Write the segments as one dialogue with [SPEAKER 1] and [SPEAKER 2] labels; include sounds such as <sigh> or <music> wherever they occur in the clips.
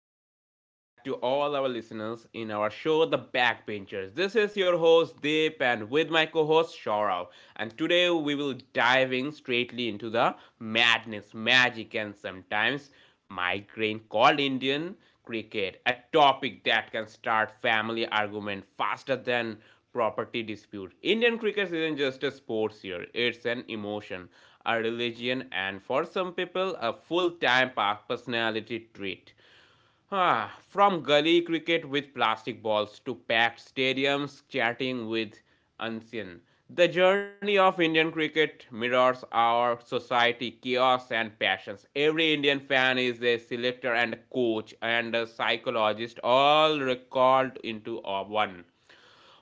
[SPEAKER 1] and welcome back to all our listeners in our show The Backbenchers. This is your host Deep and with my co-host Shaurav. And today we will diving straightly into the madness, magic and sometimes migraine called Indian cricket, a topic that can start family argument faster than property dispute. Indian cricket isn't just a sports here, it's an emotion, a religion, and for some people, a full time personality trait. From gully cricket with plastic balls to packed stadiums chatting with Ansin. The journey of Indian cricket mirrors our society chaos and passions. Every Indian fan is a selector and a coach and a psychologist, all recalled into one.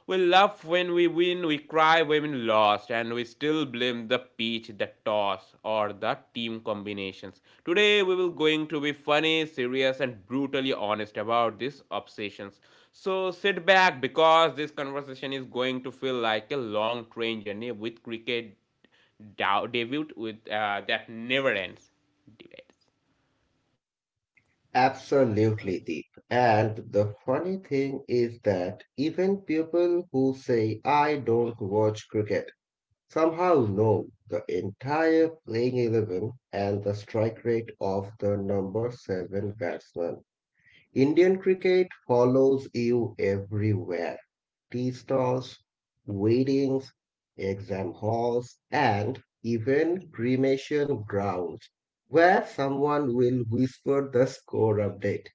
[SPEAKER 1] We laugh when we win, we cry when we lost, and we still blame the pitch, the toss, or the team combinations. Today we will going to be funny, serious, and brutally honest about these obsessions. So sit back because this conversation is going to feel like a long train journey with cricket debut with that never ends. Debates.
[SPEAKER 2] Absolutely, Deep. And the funny thing is that even people who say, I don't watch cricket, somehow know the entire playing 11 and the strike rate of the number 7 batsman. Indian cricket follows you everywhere tea stalls, weddings, exam halls, and even cremation grounds, where someone will whisper the score update.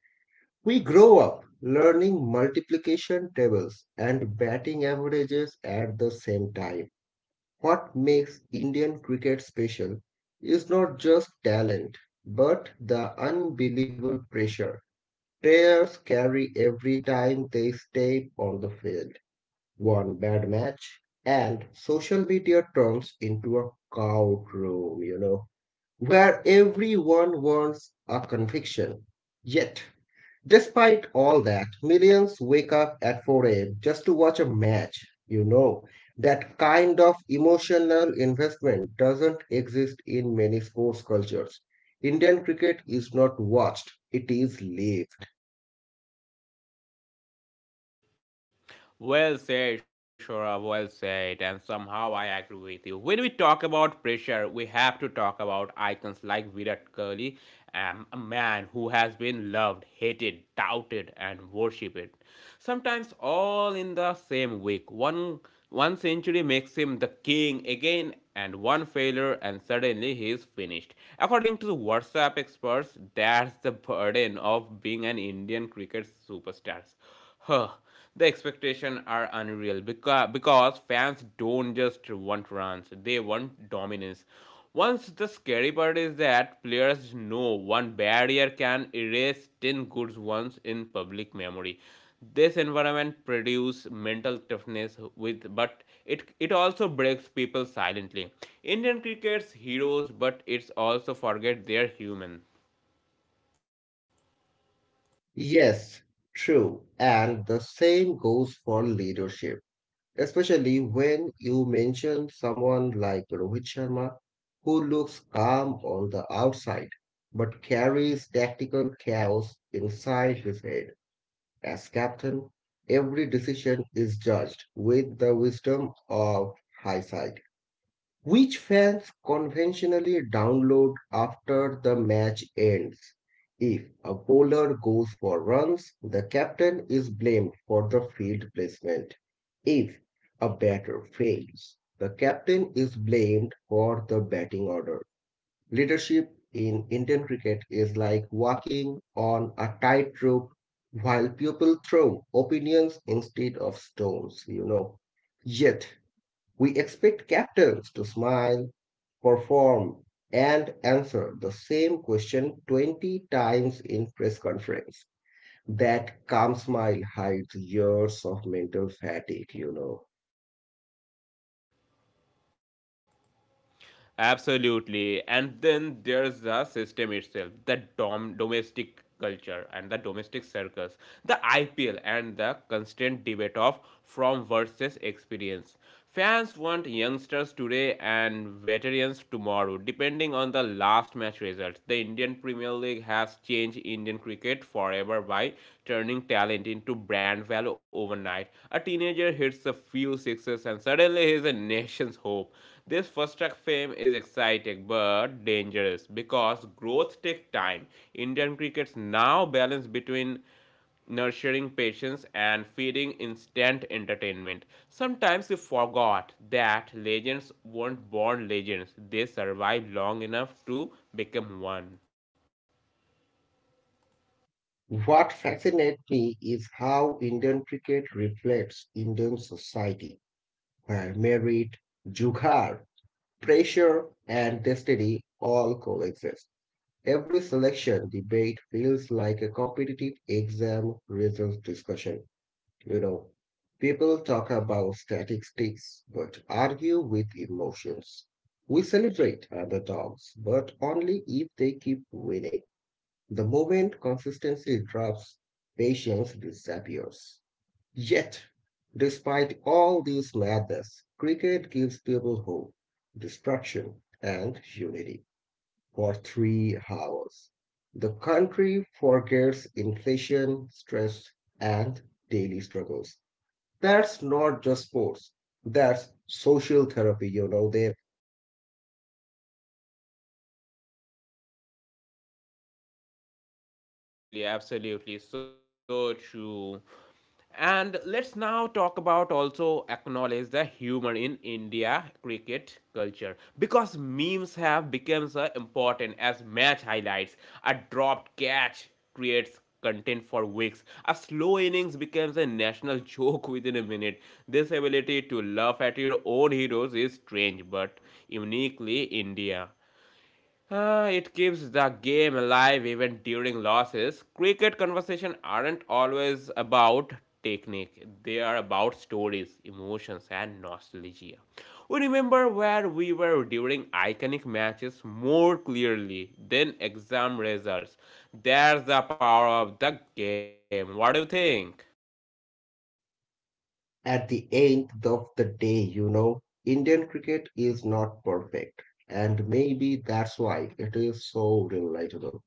[SPEAKER 2] We grow up learning multiplication tables and batting averages at the same time. What makes Indian cricket special is not just talent, but the unbelievable pressure players carry every time they step on the field. One bad match, and social media turns into a courtroom, where everyone wants a conviction. Yet, despite all that, millions wake up at 4 a.m. just to watch a match. You know, that kind of emotional investment doesn't exist in many sports cultures. Indian cricket is not watched, it is lived.
[SPEAKER 1] Well said, Shora, well said, and somehow I agree with you. When we talk about pressure, we have to talk about icons like Virat Kohli, a man who has been loved, hated, doubted, and worshipped. Sometimes all in the same week. One century makes him the king again, and one failure, and suddenly he is finished. According to the WhatsApp experts, that's the burden of being an Indian cricket superstar Huh. The expectations are unreal because fans don't just want runs, they want dominance. Once the scary part is that players know one barrier can erase 10 good ones in public memory. This environment produces mental toughness with but it also breaks people silently. Indian cricket's heroes but it's also forget they're human.
[SPEAKER 2] Yes, true. And the same goes for leadership. Especially when you mention someone like Rohit Sharma, who looks calm on the outside but carries tactical chaos inside his head. As captain, every decision is judged with the wisdom of hindsight. Which fans conventionally download after the match ends. If a bowler goes for runs, the captain is blamed for the field placement. If a batter fails, the captain is blamed for the batting order. Leadership in Indian cricket is like walking on a tightrope while people throw opinions instead of stones. Yet, we expect captains to smile perform and answer the same question 20 times in press conference. That calm smile hides years of mental fatigue.
[SPEAKER 1] Absolutely. And then there's the system itself, the domestic culture and the domestic circus, the IPL and the constant debate of from versus experience. Fans want youngsters today and veterans tomorrow, depending on the last match results. The Indian Premier League has changed Indian cricket forever by turning talent into brand value overnight. A teenager hits a few sixes and suddenly he is a nation's hope. This first track fame is exciting but dangerous because growth takes time. Indian crickets now balance between nurturing patience and feeding instant entertainment. Sometimes we forgot that legends weren't born legends, they survived long enough to become one.
[SPEAKER 2] What fascinates me is how Indian cricket reflects Indian society, where merit, jugaad, pressure, and destiny all coexist. Every selection debate feels like a competitive exam result discussion. You know, People talk about statistics but argue with emotions. We celebrate underdogs, but only if they keep winning. The moment consistency drops, patience disappears. Yet, despite all this madness, cricket gives people hope, destruction, and unity for 3 hours. The country forgets inflation, stress, and daily struggles, that's not just sports, that's social therapy you know there
[SPEAKER 1] Absolutely, absolutely, so true. And let's now talk about also acknowledge the humor in India cricket culture because memes have become so important as match highlights. A dropped catch creates content for weeks. A slow innings becomes a national <laughs> joke within a minute. This ability to laugh at your own heroes is strange but uniquely India. It keeps the game alive even during losses. Cricket conversation aren't always about technique. They are about stories, emotions and nostalgia. We remember where we were during iconic matches more clearly than exam results. There's the power of the game. What do you think?
[SPEAKER 2] At the end of the day, Indian cricket is not perfect, and maybe that's why it is so relatable.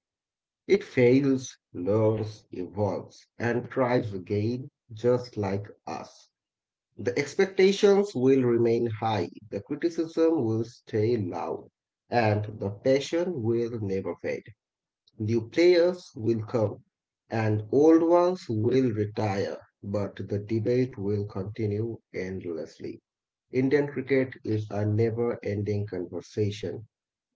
[SPEAKER 2] It fails, learns, evolves, and tries again, just like us. The expectations will remain high, the criticism will stay loud, and the passion will never fade. New players will come and old ones will retire, but the debate will continue endlessly. Indian cricket is a never ending conversation,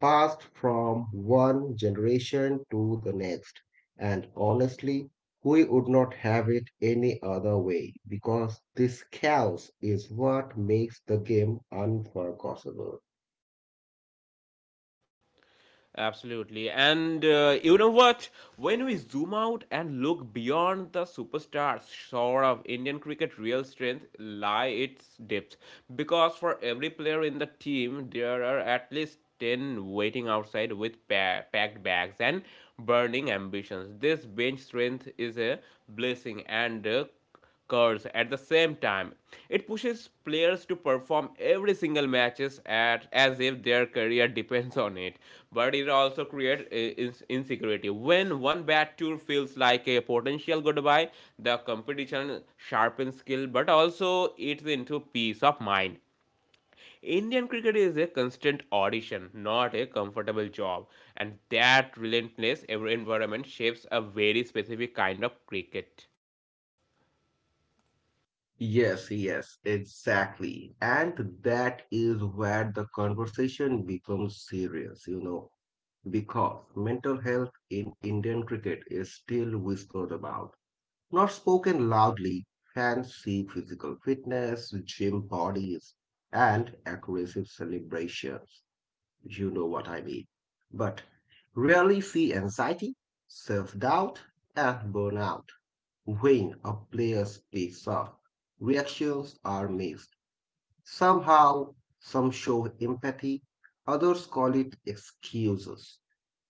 [SPEAKER 2] passed from one generation to the next. And honestly, we would not have it any other way because this chaos is what makes the game unforgettable.
[SPEAKER 1] Absolutely. And you know what? When we zoom out and look beyond the superstars, sort of Indian cricket real strength lie its depth. Because for every player in the team, there are at least 10 waiting outside with packed bags and burning ambitions. This bench strength is a blessing and a curves at the same time. It pushes players to perform every single matches at as if their career <laughs> depends on it. But it also creates insecurity. When one bad tour feels like a potential goodbye, the competition sharpens skill but also eats into peace of mind. Indian cricket is a constant audition, not a comfortable job, and that relentless environment shapes a very specific kind of cricket.
[SPEAKER 2] Yes, yes, exactly. And that is where the conversation becomes serious, because mental health in Indian cricket is still whispered about, not spoken loudly. Fans see physical fitness, gym bodies, and aggressive celebrations. You know what I mean. But rarely see anxiety, self-doubt, and burnout. When a player speaks up, reactions are mixed. Somehow, some show empathy, others call it excuses.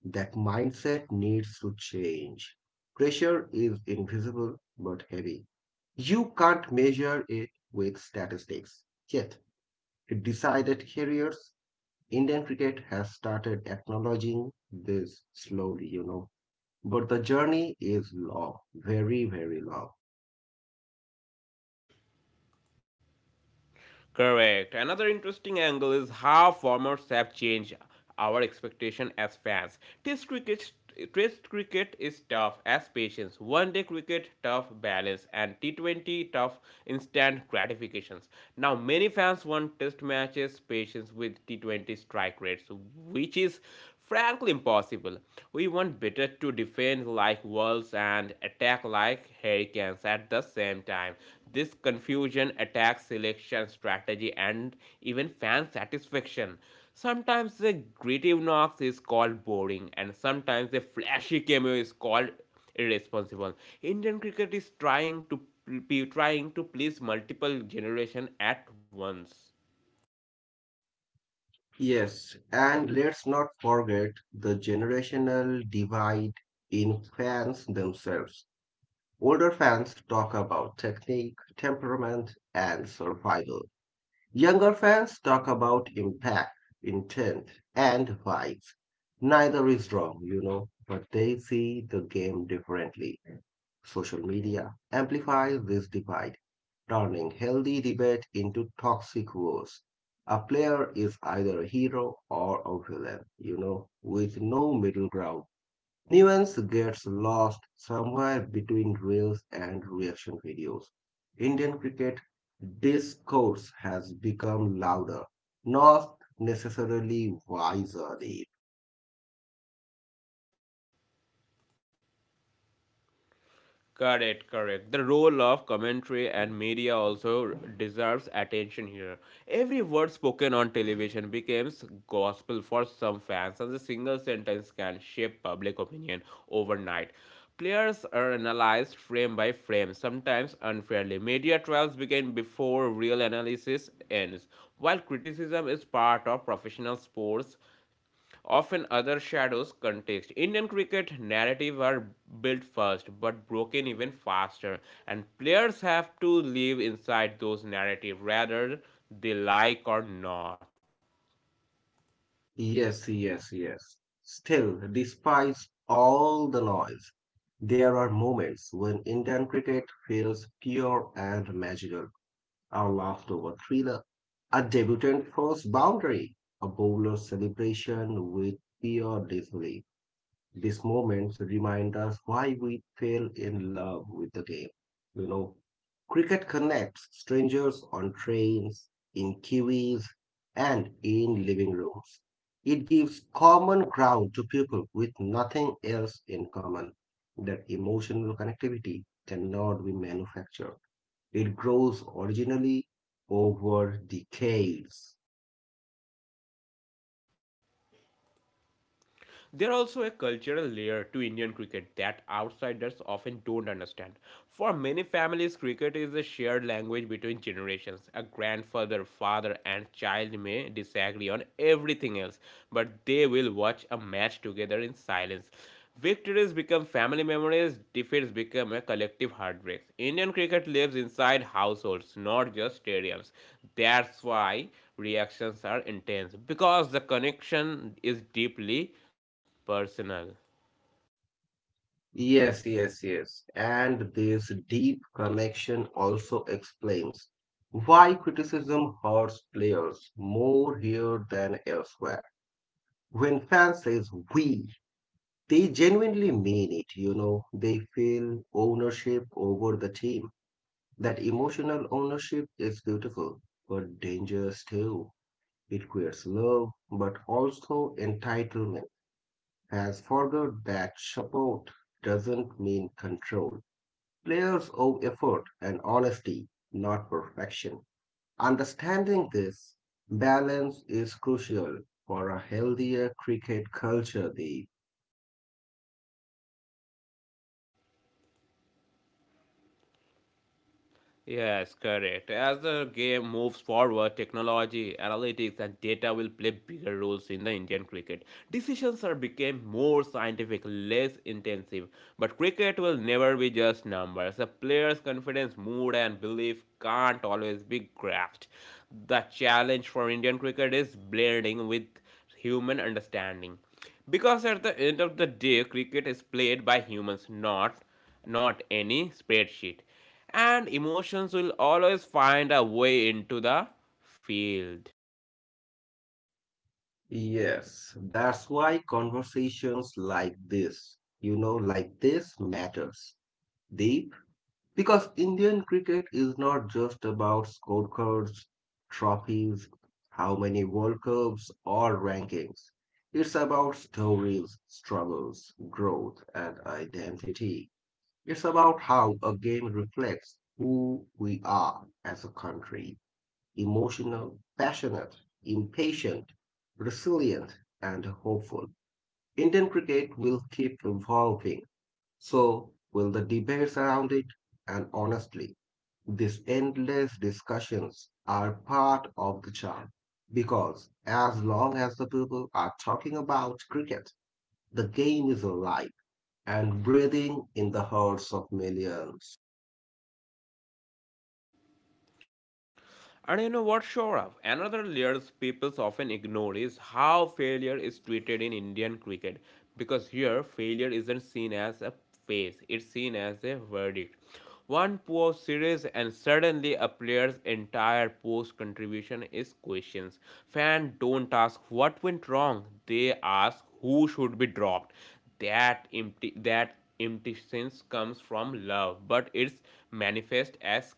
[SPEAKER 2] That mindset needs to change. Pressure is invisible but heavy. You can't measure it with statistics. Yet, it decided careers. Indian cricket has started acknowledging this slowly. But the journey is long, very, very long.
[SPEAKER 1] Correct. Another interesting angle is how formats have changed our expectation as fans. Test cricket Test cricket is tough as patience, one day cricket tough balance, and T20 tough instant gratifications. Now, many fans want test matches patience with T20 strike rates, which is frankly impossible. We want better to defend like wolves and attack like hurricanes at the same time. This confusion attacks selection, strategy, and even fan satisfaction. Sometimes the gritty Knox is called boring, and sometimes the flashy cameo is called irresponsible. Indian cricket is trying to please multiple generation at once.
[SPEAKER 2] Yes, and let's not forget the generational divide in fans themselves. Older fans talk about technique, temperament, and survival. Younger fans talk about impact, intent, and vibes. Neither is wrong, but they see the game differently. Social media amplifies this divide, turning healthy debate into toxic wars. A player is either a hero or a villain, with no middle ground. Nuance gets lost somewhere between reels and reaction videos. Indian cricket discourse has become louder, not necessarily wiser, Deep.
[SPEAKER 1] Correct, correct. The role of commentary and media also deserves attention here. Every word spoken on television becomes gospel for some fans, and a single sentence can shape public opinion overnight. Players are analyzed frame by frame, sometimes unfairly. Media trials begin before real analysis ends. While criticism is part of professional sports, often other shadows context. Indian cricket narrative are built first but broken even faster, and players have to live inside those narrative rather they like or not.
[SPEAKER 2] Yes, yes, yes. Still, despite all the noise, there are moments when Indian cricket feels pure and magical. A laughed thriller, a debutant first boundary, a bowler celebration with pure disbelief. These moments remind us why we fell in love with the game. You know, Cricket connects strangers on trains, in kiwis, and in living rooms. It gives common ground to people with nothing else in common. That emotional connectivity cannot be manufactured. It grows originally over decades.
[SPEAKER 1] There are also a cultural layer to Indian cricket that outsiders often don't understand. For many families, cricket is a shared language between generations. A grandfather, father, and child may disagree on everything else, but they will watch a match together in silence. Victories become family memories, defeats become a collective heartbreak. Indian cricket lives inside households, not just stadiums. That's why reactions are intense because the connection is deeply personal.
[SPEAKER 2] Yes, yes, yes. And this deep connection also explains why criticism hurts players more here than elsewhere. When fans says we, they genuinely mean it. They feel ownership over the team. That emotional ownership is beautiful, but dangerous too. It creates love, but also entitlement. Has forgot that support doesn't mean control. Players owe effort and honesty, not perfection. Understanding this balance is crucial for a healthier cricket culture, Deep.
[SPEAKER 1] Yes, correct. As the game moves forward, technology, analytics, and data will play bigger roles in the Indian cricket. Decisions are became more scientific, less intensive. But cricket will never be just numbers. A player's confidence, mood, and belief can't always be grasped. The challenge for Indian cricket is blending with human understanding. Because at the end of the day, cricket is played by humans, not any spreadsheet. And emotions will always find a way into the field.
[SPEAKER 2] Yes, that's why conversations like this matters, Deep. Because Indian cricket is not just about scorecards, trophies, how many World Cups, or rankings. It's about stories, struggles, growth, and identity. It's about how a game reflects who we are as a country, emotional, passionate, impatient, resilient, and hopeful. Indian cricket will keep evolving, so will the debates around it. And honestly, these endless discussions are part of the charm because as long as the people are talking about cricket, the game is alive and breathing in the hearts of millions.
[SPEAKER 1] And you know what, Shorav? Another layer people often ignore is how failure is treated in Indian cricket. Because here, failure isn't seen as a phase, it's seen as a verdict. One poor series, and suddenly a player's entire post contribution is questioned. Fans don't ask what went wrong, they ask who should be dropped. That empty sense comes from love, but it's manifest as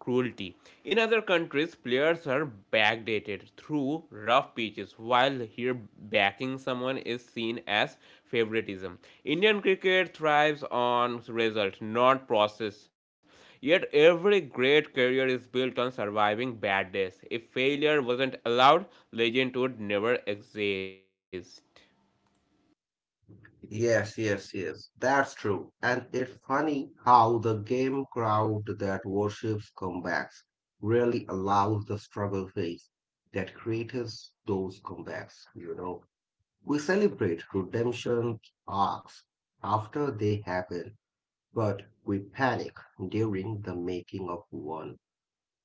[SPEAKER 1] cruelty. In other countries, players are backdated through rough pitches, while here backing someone is seen as favoritism. Indian cricket thrives on result, not process. Yet every great career is built on surviving bad days. If failure wasn't allowed, legend would never exist.
[SPEAKER 2] Yes, yes, yes, that's true. And it's funny how the game crowd that worships comebacks really allows the struggle phase that creates those comebacks. We celebrate redemption arcs after they happen, but we panic during the making of one.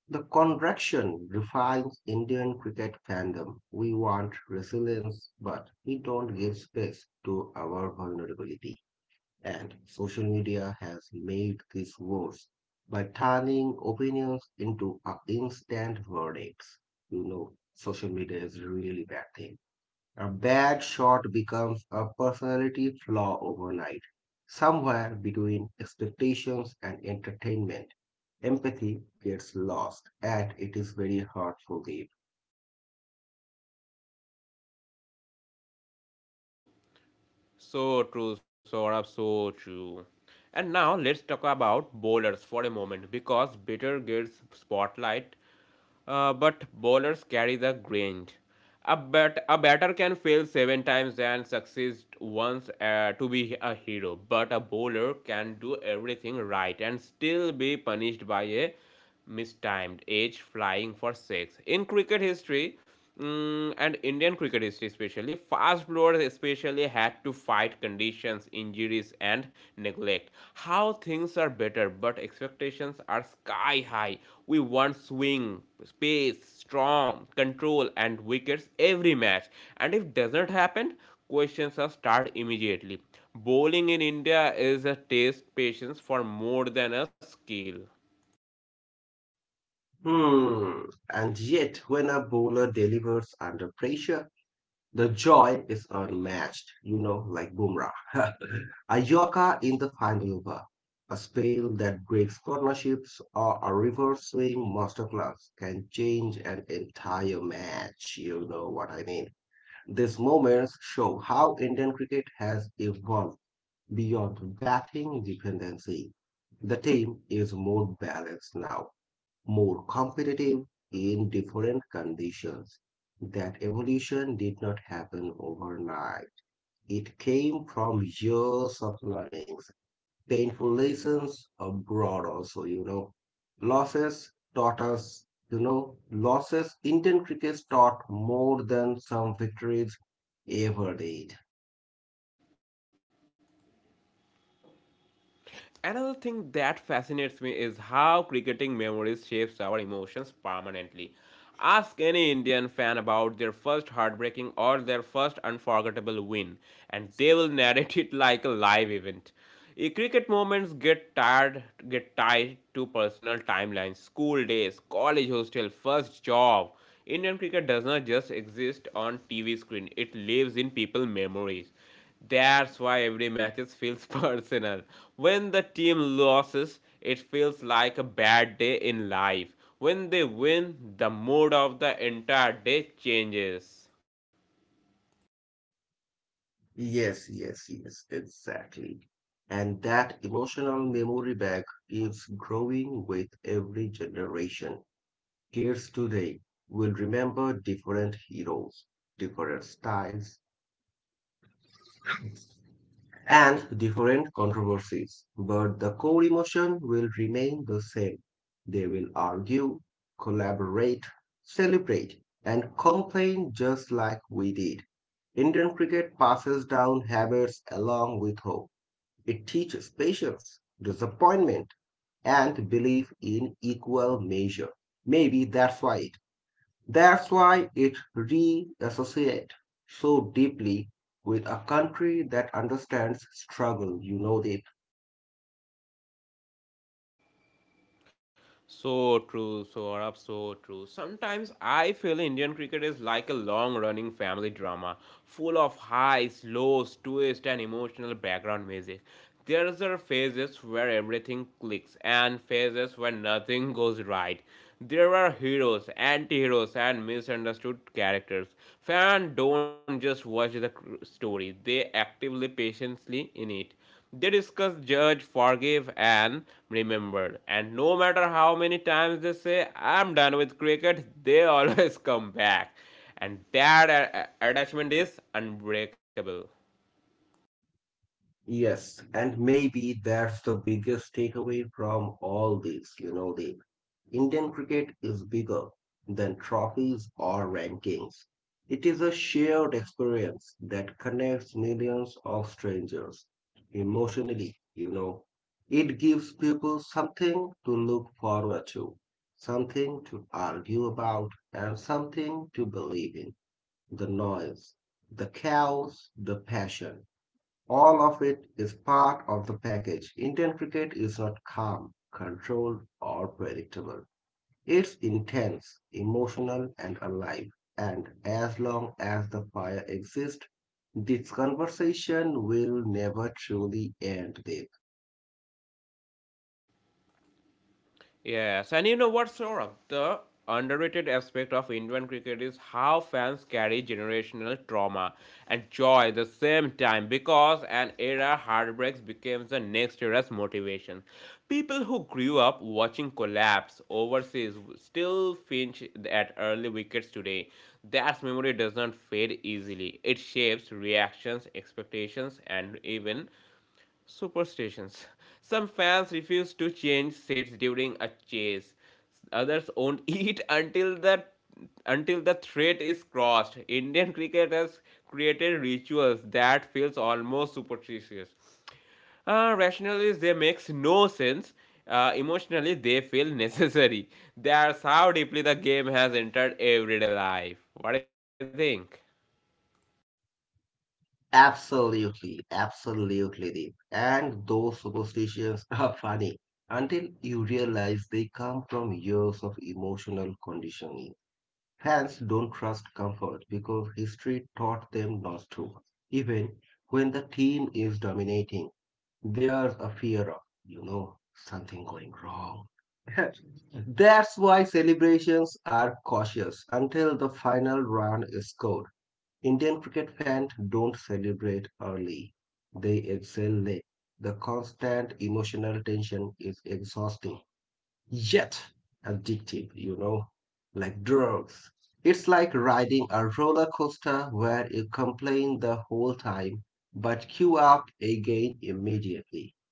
[SPEAKER 2] The contraction defines Indian cricket fandom. We want resilience, but we don't give space to our vulnerability. And social media has made this worse by turning opinions into instant verdicts. Social media is a really bad thing. A bad shot becomes a personality flaw overnight. Somewhere between expectations and entertainment, empathy gets lost, and it is very hard to live.
[SPEAKER 1] So So true, Saurabh, so true. And now let's talk about bowlers for a moment because batter gets spotlight, but bowlers carry the grain. A batter can fail seven times and succeed once to be a hero, but a bowler can do everything right and still be punished by a mistimed edge flying for six. In cricket history, and Indian cricket history especially, fast bowlers especially had to fight conditions, injuries, and neglect. How things are better, but expectations are sky high. We want swing, pace, strong, control, and wickets every match. And if doesn't happen, questions are start immediately. Bowling in India is a test patience for more than a skill.
[SPEAKER 2] Hmm. And yet, when a bowler delivers under pressure, the joy is unmatched, like Bumrah. <laughs> A Yorker in the final over, a spell that breaks partnerships, or a reverse swing masterclass can change an entire match. You know what I mean? These moments show how Indian cricket has evolved beyond batting dependency. The team is more balanced now, more competitive in different conditions. That evolution did not happen overnight. It came from years of learnings, painful lessons abroad also. Losses taught us, losses Indian cricket taught more than some victories ever did.
[SPEAKER 1] Another thing that fascinates me is how cricketing memories shapes our emotions permanently. Ask any Indian fan about their first heartbreaking or their first unforgettable win, and they will narrate it like a live event. Cricket moments get tied to personal timelines, school days, college hostel, first job. Indian cricket does not just exist on TV screen; it lives in people's memories. That's why every match feels <laughs> personal. When the team loses, it feels like a bad day in life. When they win, the mood of the entire day changes.
[SPEAKER 2] Yes, yes, yes, exactly. And that emotional memory bank is growing with every generation. Kids today will remember different heroes, different styles, and different controversies, but the core emotion will remain the same. They will argue, collaborate, celebrate, and complain just like we did. Indian cricket passes down habits along with hope. It teaches patience, disappointment, and belief in equal measure. Maybe that's why it reassociates so deeply with a country that understands struggle, you know it.
[SPEAKER 1] So true, so Arab, so true. Sometimes I feel Indian cricket is like a long running family drama, full of highs, lows, twists, and emotional background music. There are phases where everything clicks and phases where nothing <laughs> goes right. There are heroes, anti heroes, and misunderstood characters. Fans don't just watch the story, they actively, patiently in it. They discussed, judged, forgave, and remembered. And no matter how many times they say, I'm done with cricket, they <laughs> always come back. And that attachment is unbreakable.
[SPEAKER 2] Yes, and maybe that's the biggest takeaway from all this, you know it. Indian cricket is bigger than trophies or rankings. It is a shared experience that connects millions of strangers emotionally. It gives people something to look forward to, something to argue about, and something to believe in. The noise, the chaos, the passion, all of it is part of the package. Indian cricket is not calm, controlled, or predictable. It's intense, emotional, and alive. And as long as the fire exists, this conversation will never truly end, Deep.
[SPEAKER 1] Yes, and you know what, Saurabh? The underrated aspect of Indian cricket is how fans carry generational trauma and joy at the same time because an era heartbreaks becomes the next era's motivation. People who grew up watching collapse overseas still finch at early wickets today. That memory does not fade easily. It shapes reactions, expectations, and even superstitions. Some fans refuse to change seats during a chase. Others won't <laughs> eat until the threat is crossed. Indian cricket has created rituals that feels almost superstitious. Rationally, they makes no sense. Emotionally, they feel necessary. That's how deeply the game has entered everyday life. What do you think?
[SPEAKER 2] Absolutely, absolutely, Deep. And those superstitions <laughs> are funny until you realize they come from years of emotional conditioning. Fans don't trust comfort because history taught them not to, even when the team is dominating. There's a fear of something going wrong. <laughs> That's why celebrations are cautious until the final run is scored. Indian cricket fans don't celebrate early, they exhale late. The constant emotional tension is exhausting, yet addictive, like drugs. It's like riding a roller coaster where you complain the whole time but queue up again immediately.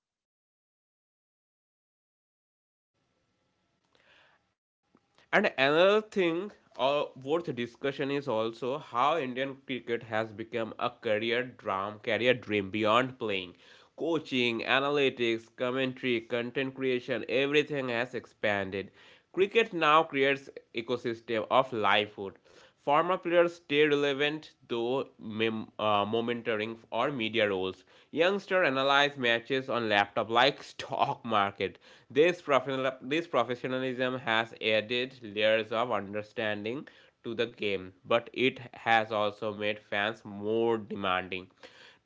[SPEAKER 1] And another thing worth discussion is also how Indian cricket has become a career dream beyond playing. Coaching, analytics, commentary, content creation, everything has expanded. Cricket now creates ecosystem of livelihood. Former players stay relevant though monitoring or media roles. Youngsters analyze matches on laptop like <laughs> stock market. This professionalism has added layers of understanding to the game, but it has also made fans more demanding.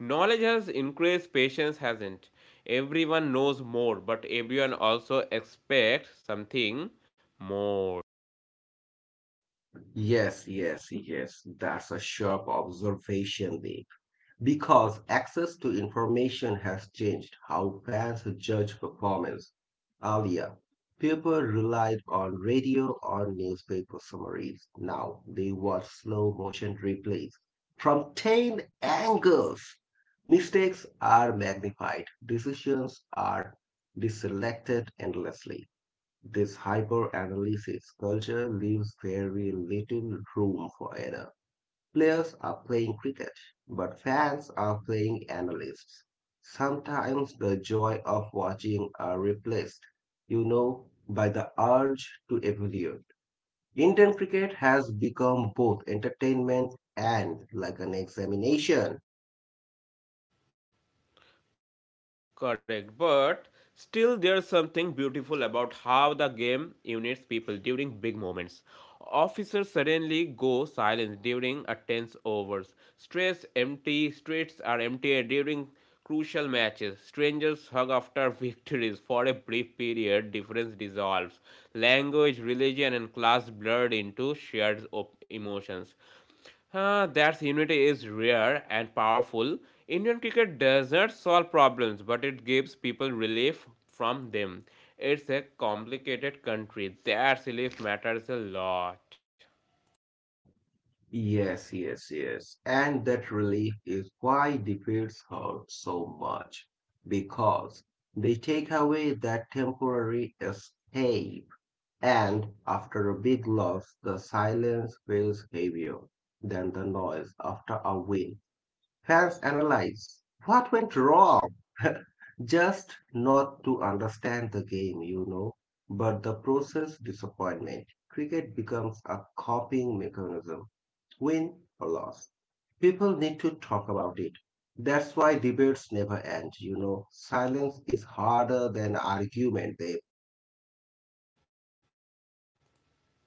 [SPEAKER 1] Knowledge has increased, patience hasn't. Everyone knows more, but everyone also expects something more.
[SPEAKER 2] Yes, yes, yes. That's a sharp observation, Lee. Because access to information has changed how fans judge performance. Earlier, people relied on radio or newspaper summaries. Now they watch slow motion replays from 10 angles. Mistakes are magnified, decisions are deselected endlessly. This hyper-analysis culture leaves very little room for error. Players are playing cricket, but fans are playing analysts. Sometimes the joy of watching are replaced, by the urge to evaluate. Indian cricket has become both entertainment and like an examination.
[SPEAKER 1] Correct, but still there's something beautiful about how the game units people during big moments. Officers suddenly go silent during a tense overs. Stress empty streets are empty during crucial matches. Strangers hug after <laughs> victories. For a brief period, difference dissolves. Language, religion, and class blurred into shared emotions. That unity is rare and powerful. Indian cricket does not solve problems, but it gives people relief from them. It's a complicated country. That relief matters a lot.
[SPEAKER 2] Yes, yes, yes. And that relief is why the defeats hurt so much, because they take away that temporary escape. And after a big loss, the silence feels heavier than the noise after a win. Fans analyze what went wrong, <laughs> just not to understand the game, but the process disappointment. Cricket becomes a coping mechanism win or loss. People need to talk about it. That's why debates never end. Silence is harder than argument, They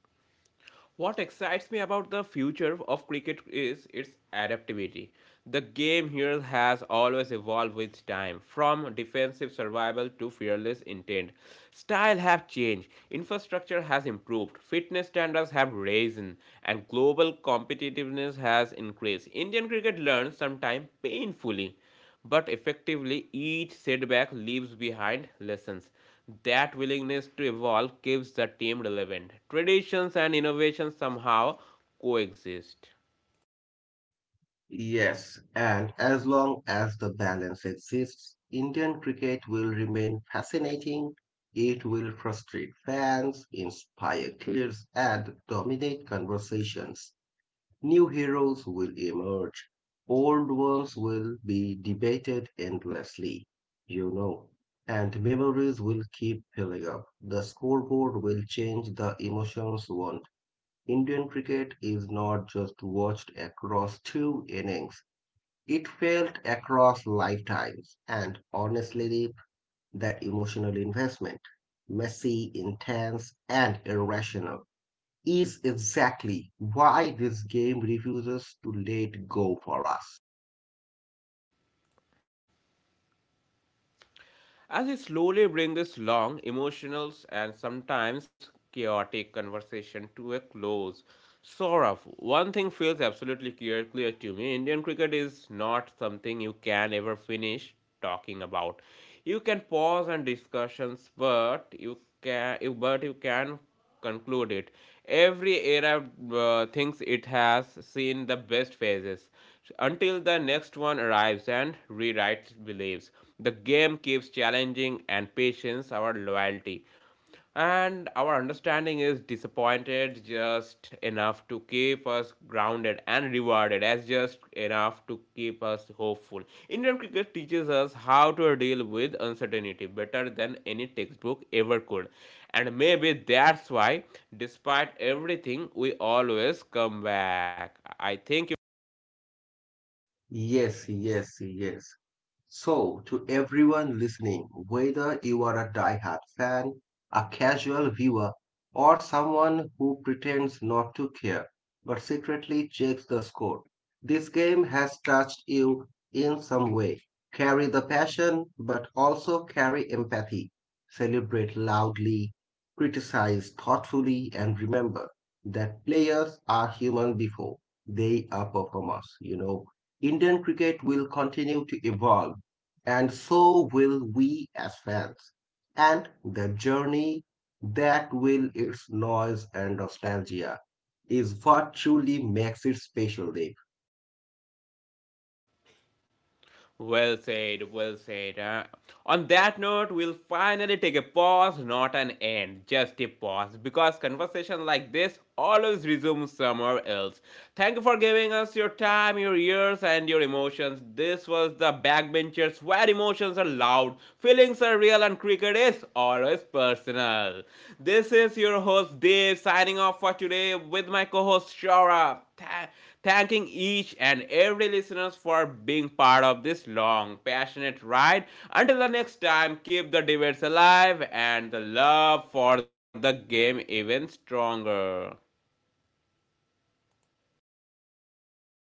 [SPEAKER 1] What excites me about the future of cricket is its adaptability. The game here has always evolved with time, from defensive survival to fearless intent. Style have changed, infrastructure has improved, fitness standards have risen, and global competitiveness has increased. Indian cricket learns sometimes painfully but effectively, each setback leaves behind lessons. That willingness to evolve keeps the team relevant. Traditions and innovations somehow coexist.
[SPEAKER 2] Yes, and as long as the balance exists, Indian cricket will remain fascinating. It will frustrate fans, inspire players, and dominate conversations. New heroes will emerge, old ones will be debated endlessly, you know, and memories will keep filling up. The scoreboard will change, the emotions won't. Indian cricket is not just watched across two innings, it felt across lifetimes, and honestly, that emotional investment, messy, intense, and irrational, is exactly why this game refuses to let go for us.
[SPEAKER 1] As we slowly bring this long, emotional, and sometimes chaotic conversation to a close, Saurav, one thing feels absolutely clear to me. Indian cricket is not something you can ever finish talking about. You can pause on discussions, but but you can conclude it. Every era thinks it has seen the best phases until the next one arrives and rewrites beliefs. The game keeps challenging and patience our loyalty. And our understanding is disappointed just enough to keep us grounded and rewarded as just enough to keep us hopeful. Indian cricket teaches us how to deal with uncertainty better than any textbook ever could. And maybe that's why, despite everything, we always come back. I think.
[SPEAKER 2] Yes, yes, yes. So, to everyone listening, whether you are a diehard fan, a casual viewer, or someone who pretends not to care but secretly checks the score, this game has touched you in some way. Carry the passion, but also carry empathy. Celebrate loudly, criticize thoughtfully, and remember that players are human before they are performers. Indian cricket will continue to evolve, and so will we as fans. And the journey that will its noise and nostalgia is what truly makes it special.
[SPEAKER 1] Well said, well said. Huh? On that note, we'll finally take a pause, not an end, just a pause, because conversation like this always resumes somewhere else. Thank you for giving us your time, your ears, and your emotions. This was the Backbenchers, where emotions are loud, feelings are real, and cricket is business or is personal. This is your host Dave signing off for today with my co-host Shora. Thanking each and every listeners for being part of this long, passionate ride. Until the next time, keep the debates alive and the love for the game even stronger.